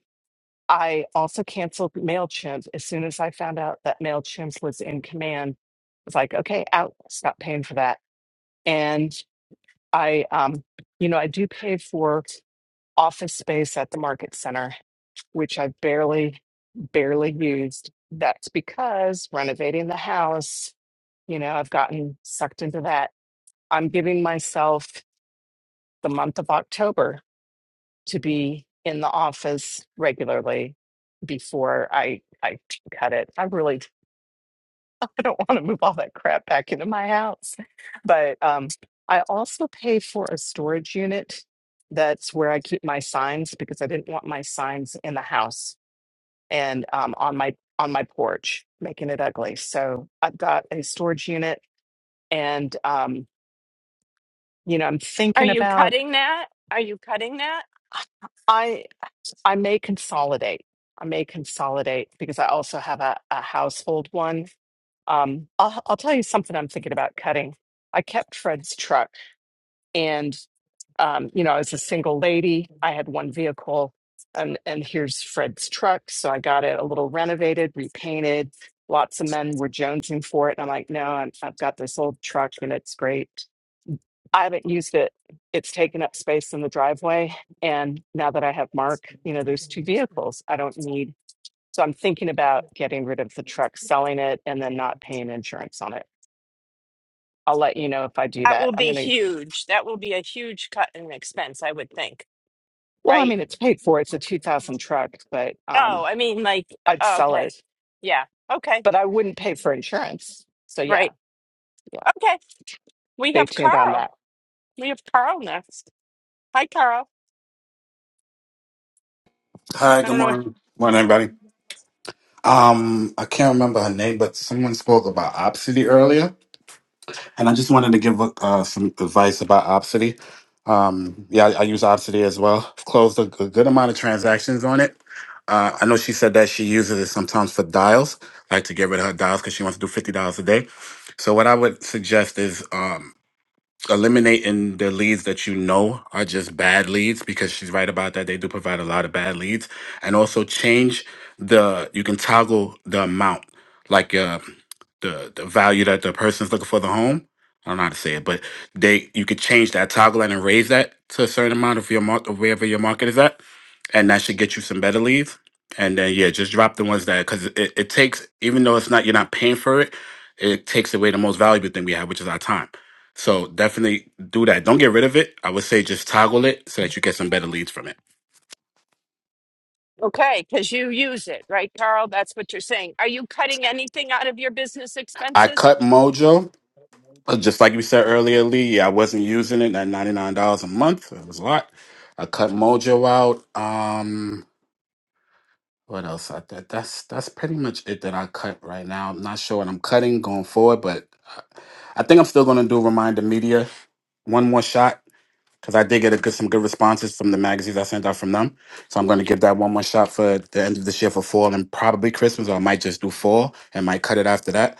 [SPEAKER 12] I also canceled MailChimp as soon as I found out that MailChimp was in command. It's like, okay, out, stop paying for that. And I, um, you know, I do pay for office space at the market center, which I barely, barely used. That's because renovating the house, you know, I've gotten sucked into that. I'm giving myself the month of October to be in the office regularly before I I cut it. I really I don't want to move all that crap back into my house. But um I also pay for a storage unit that's where I keep my signs because I didn't want my signs in the house and um on my on my porch making it ugly. So I've got a storage unit and um you know I'm
[SPEAKER 2] Are
[SPEAKER 12] thinking
[SPEAKER 2] you
[SPEAKER 12] about
[SPEAKER 2] cutting that? Are you cutting that?
[SPEAKER 12] I may consolidate. I may consolidate because I also have a, a household one. Um, I'll, I'll tell you something I'm thinking about cutting. I kept Fred's truck, and um, you know, I was a single lady. I had one vehicle, and and here's Fred's truck. So I got it a little renovated, repainted. Lots of men were jonesing for it, and I'm like, no, I'm, I've got this old truck, and it's great. I haven't used it. It's taken up space in the driveway. And now that I have Mark, you know, there's two vehicles. I don't need, so I'm thinking about getting rid of the truck, selling it, and then not paying insurance on it. I'll let you know if I do
[SPEAKER 2] That
[SPEAKER 12] that.
[SPEAKER 2] will
[SPEAKER 12] I'm
[SPEAKER 2] be
[SPEAKER 12] going to,
[SPEAKER 2] huge. That will be a huge cut in expense, I would think,
[SPEAKER 12] well, I
[SPEAKER 2] right?
[SPEAKER 12] mean, it's paid for. It's a 2000 truck, but um,
[SPEAKER 2] Oh, I mean, like, uh,
[SPEAKER 12] I'd
[SPEAKER 2] oh,
[SPEAKER 12] sell
[SPEAKER 2] okay.
[SPEAKER 12] it,
[SPEAKER 2] Yeah. Okay.
[SPEAKER 12] but I wouldn't pay for insurance. So yeah,
[SPEAKER 2] Right.
[SPEAKER 12] yeah,
[SPEAKER 2] Okay. We
[SPEAKER 12] stay
[SPEAKER 2] have
[SPEAKER 12] tuned on
[SPEAKER 2] Carl.
[SPEAKER 12] that.
[SPEAKER 2] We have Carl next. Hi, Carl.
[SPEAKER 13] Hi,
[SPEAKER 2] I
[SPEAKER 13] good
[SPEAKER 2] don't know. if-
[SPEAKER 13] morning. Morning, everybody. Um, I can't remember her name, but someone spoke about obsedy earlier, and I just wanted to give uh, some advice about obsedy. Um, yeah, I, I use obsedy as well. I've closed a, a good amount of transactions on it. Uh, I know she said that she uses it sometimes for dials. I like to get rid of her dials because she wants to do fifty dollars a day. So what I would suggest is um eliminating the leads that you know are just bad leads because she's right about that they do provide a lot of bad leads and also change the you can toggle the amount like uh the the value that the person's looking for the home i don't know how to say it but they you could change that toggle that, and raise that to a certain amount of your market wherever your market is at and that should get you some better leads and then yeah just drop the ones that because it, it takes even though it's not you're not paying for it it takes away the most valuable thing we have which is our time so definitely do that. Don't get rid of it. I would say just toggle it so that you get some better leads from it.
[SPEAKER 2] Okay. Because you use it, right, Carl? That's what you're saying. Are you cutting anything out of your business
[SPEAKER 13] I
[SPEAKER 2] expenses?
[SPEAKER 13] cut Mojo. Uh, Just like we said earlier, Lee, Yeah, I wasn't using it at $99 a month. It was a lot. I cut Mojo out. Um, what else? I, that, that's that's pretty much it that I cut right now. I'm not sure what I'm cutting going forward, but I I think I'm still going to do Reminder Media one more shot because I did get a good, some good responses from the magazines I sent out from them. So I'm going to give that one more shot for the end of this year for fall and probably Christmas, or I might just do fall and might cut it after that.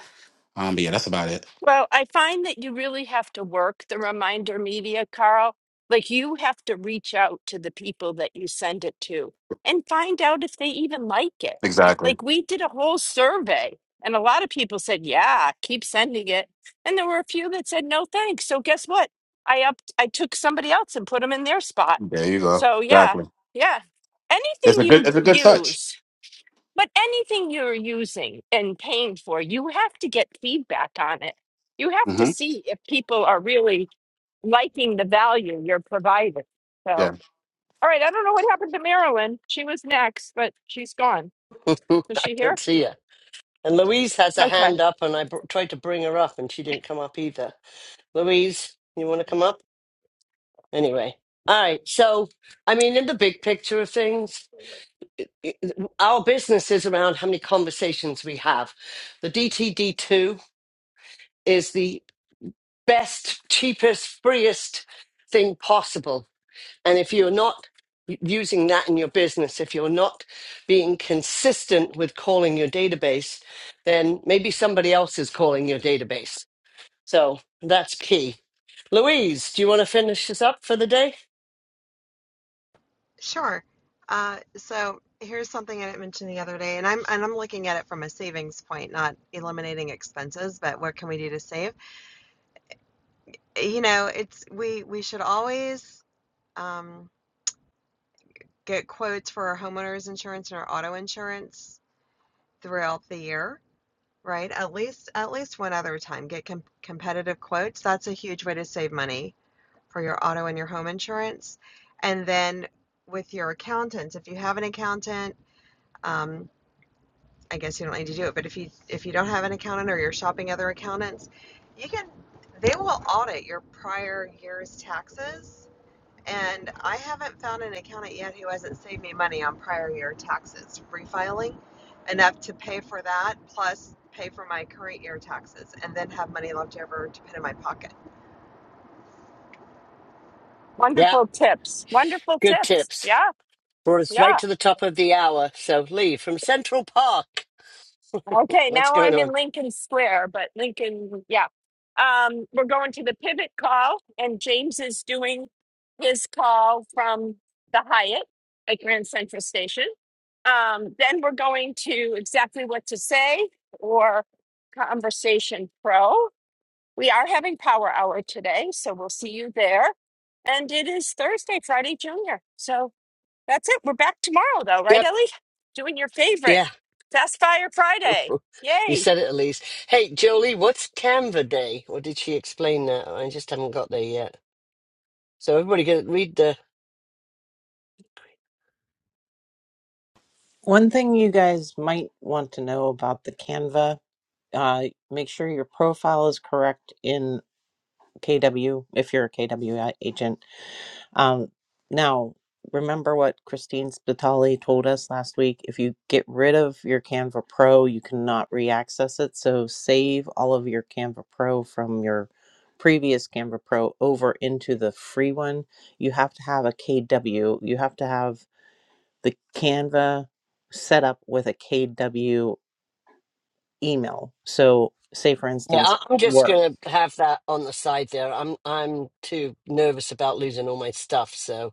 [SPEAKER 13] Um, but yeah, that's about it.
[SPEAKER 2] Well, I find that you really have to work the reminder media, Carl. Like you have to reach out to the people that you send it to and find out if they even like it.
[SPEAKER 13] Exactly.
[SPEAKER 2] Like we did a whole survey and a lot of people said, "Yeah, keep sending it." And there were a few that said, "No, thanks." So guess what? I up I took somebody else and put them in their spot.
[SPEAKER 13] There you go.
[SPEAKER 2] So yeah.
[SPEAKER 13] Exactly.
[SPEAKER 2] Yeah.
[SPEAKER 13] It's
[SPEAKER 2] Anything
[SPEAKER 13] a good.
[SPEAKER 2] you
[SPEAKER 13] It's a good touch.
[SPEAKER 2] use but anything you're using and paying for, you have to get feedback on it. You have to
[SPEAKER 13] hmm
[SPEAKER 2] see if people are really liking the value you're providing. So,
[SPEAKER 13] Yeah.
[SPEAKER 2] all right, I don't know what happened to Marilyn. She was next, but she's gone.
[SPEAKER 1] I
[SPEAKER 2] Is she here?
[SPEAKER 1] don't see her. And Louise has a
[SPEAKER 2] Okay.
[SPEAKER 1] hand up, and I br- tried to bring her up, and she didn't come up either. Louise, you want to come up? Anyway. All right. So, I mean, in the big picture of things, i- our business is around how many conversations we have. The DTD2 is the best, cheapest, freest thing possible. And if you're not using that in your business, if you're not being consistent with calling your database, then maybe somebody else is calling your database. So that's key. Louise, do you want to finish this up for the day?
[SPEAKER 14] Sure. Uh, so here's something I didn't mention the other day, and I'm and I'm looking at it from a savings point, not eliminating expenses, but what can we do to save? You know, it's we we should always um, get quotes for our homeowners insurance and our auto insurance throughout the year, right? At least at least one other time, get com competitive quotes. That's a huge way to save money for your auto and your home insurance, and then with your accountant, if you have an accountant. Um, I guess you don't need to do it, but if you if you don't have an accountant or you're shopping other accountants, you can they will audit your prior year's taxes. And I haven't found an accountant yet who hasn't saved me money on prior year taxes refiling enough to pay for that plus pay for my current year taxes and then have money left over to put in my pocket.
[SPEAKER 1] Yeah,
[SPEAKER 2] Wonderful tips. Wonderful
[SPEAKER 1] good
[SPEAKER 2] tips.
[SPEAKER 1] tips.
[SPEAKER 2] Yeah.
[SPEAKER 1] Brought us right
[SPEAKER 2] Yeah.
[SPEAKER 1] to the top of the hour. So, Lee from Central Park,
[SPEAKER 2] Okay,
[SPEAKER 1] what's
[SPEAKER 2] now
[SPEAKER 1] going
[SPEAKER 2] I'm in
[SPEAKER 1] on?
[SPEAKER 2] Lincoln Square, but Lincoln, yeah. Um, we're going to the pivot call, and James is doing his call from the Hyatt at Grand Central Station. Um, then we're going to exactly what to say or Conversation Pro. We are having Power Hour today, so we'll see you there. And it is Thursday, Friday Junior. So that's it. We're back tomorrow, though, right,
[SPEAKER 1] Yep.
[SPEAKER 2] Ellie? Doing your favorite
[SPEAKER 1] Yeah.
[SPEAKER 2] Fast Fire Friday.
[SPEAKER 1] You
[SPEAKER 2] Yay.
[SPEAKER 1] said it, Elise. Hey, Jolie, what's Canva Day? Or did she explain that? I just haven't got there yet. So everybody go read the.
[SPEAKER 5] One thing you guys might want to know about the Canva, uh, make sure your profile is correct in KW if you're a KW agent Um, now, remember what Christine Spitali told us last week. If you get rid of your Canva Pro, you cannot re-access it. So save all of your Canva Pro from your previous Canva Pro over into the free one. You have to have a KW. You have to have the Canva set up with a KW email. So say for
[SPEAKER 1] Yeah,
[SPEAKER 5] instance,
[SPEAKER 1] I- I'm just
[SPEAKER 5] work.
[SPEAKER 1] gonna have that on the side there. I'm I'm too nervous about losing all my stuff, so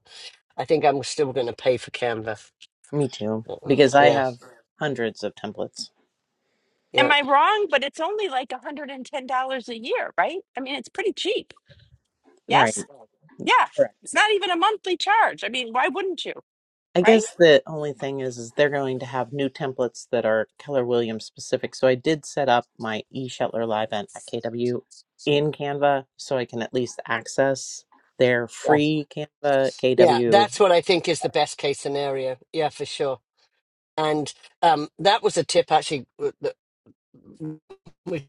[SPEAKER 1] I think I'm still gonna pay for Canva.
[SPEAKER 5] Me too, because I
[SPEAKER 1] Yeah,
[SPEAKER 5] have hundreds of templates.
[SPEAKER 2] Am
[SPEAKER 1] yeah,
[SPEAKER 2] I wrong? But it's only like $110 a year, right? I mean, it's pretty cheap.
[SPEAKER 5] Right.
[SPEAKER 2] Yes? Yeah. It's not even a monthly charge. I mean, why wouldn't you,
[SPEAKER 5] I
[SPEAKER 2] right?
[SPEAKER 5] guess the only thing is, is they're going to have new templates that are Keller Williams specific. So I did set up my E Live event at KW in Canva, so I can at least access their
[SPEAKER 1] yeah,
[SPEAKER 5] free Canva
[SPEAKER 1] yeah.
[SPEAKER 5] KW.
[SPEAKER 1] That's what I think is the best case scenario. Yeah, for sure. And um, that was a tip actually w- that we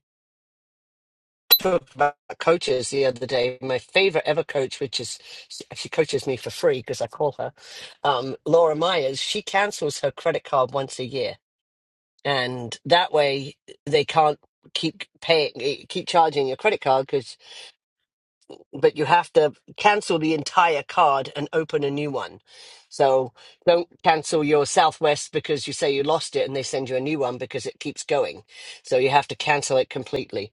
[SPEAKER 1] talked about coaches the other day. My favorite ever coach, which is she coaches me for free because I call her um, Laura Myers. She cancels her credit card once a year, and that way they can't keep paying, eh, keep charging your credit card but you have to cancel the entire card and open a new one. So don't cancel your Southwest because you say you lost it and they send you a new one because it keeps going. So you have to cancel it completely.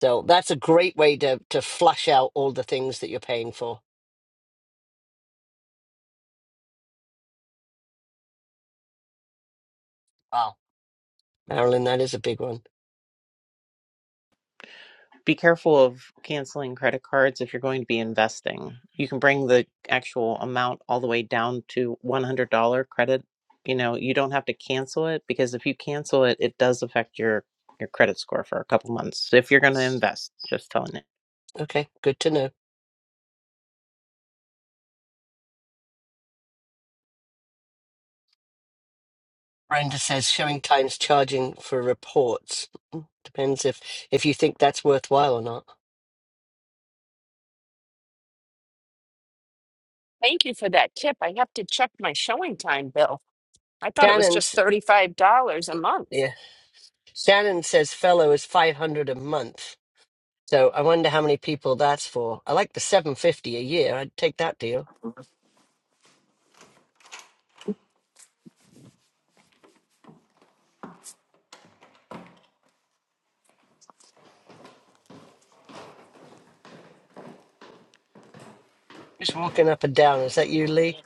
[SPEAKER 1] So that's a great way to to flush out all the things that you're paying for. Wow. Marilyn, that is a big one.
[SPEAKER 5] Be careful of canceling credit cards if you're going to be investing. You can bring the actual amount all the way down to $100 credit. You know, you don't have to cancel it because if you cancel it, it does affect your your credit score for a couple months. If you're going to invest, just telling you.
[SPEAKER 1] Okay, good to know. Brenda says showing times charging for reports. Depends if if you think that's worthwhile or not.
[SPEAKER 2] Thank you for that tip. I have to check my showing time bill. I thought it was just
[SPEAKER 1] Shannon's
[SPEAKER 2] $35 a month.
[SPEAKER 1] yeah. Shannon says fellow is five hundred a month. So I wonder how many people that's for. I like the 750 a year. I'd take that deal. Just walking up and down. Is that you, Lee?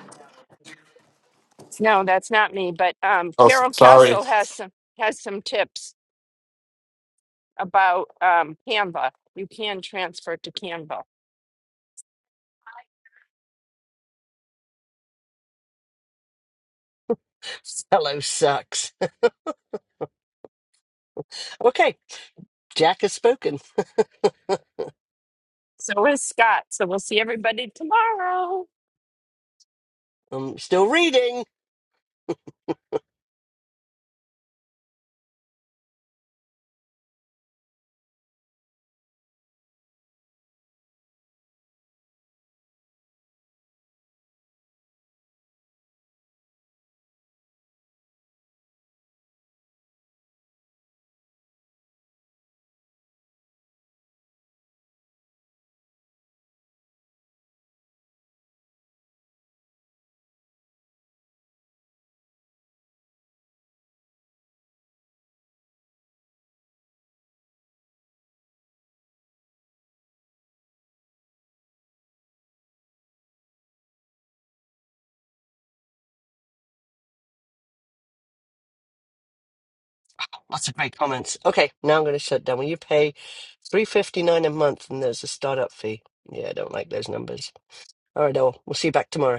[SPEAKER 2] No, that's not me, but um,
[SPEAKER 13] Oh, s-
[SPEAKER 2] Carol
[SPEAKER 13] sorry.
[SPEAKER 2] Castle has some has some tips about um, Canva. You can transfer to Canva.
[SPEAKER 1] Hello, sucks. okay, Jack has spoken.
[SPEAKER 2] So is Scott. So we'll see everybody tomorrow.
[SPEAKER 1] I'm still reading. Lots of great comments. Okay, now I'm going to shut down. When you pay 359 a month and there's a startup fee. Yeah, I don't like those numbers. All right, all. We'll see you back tomorrow.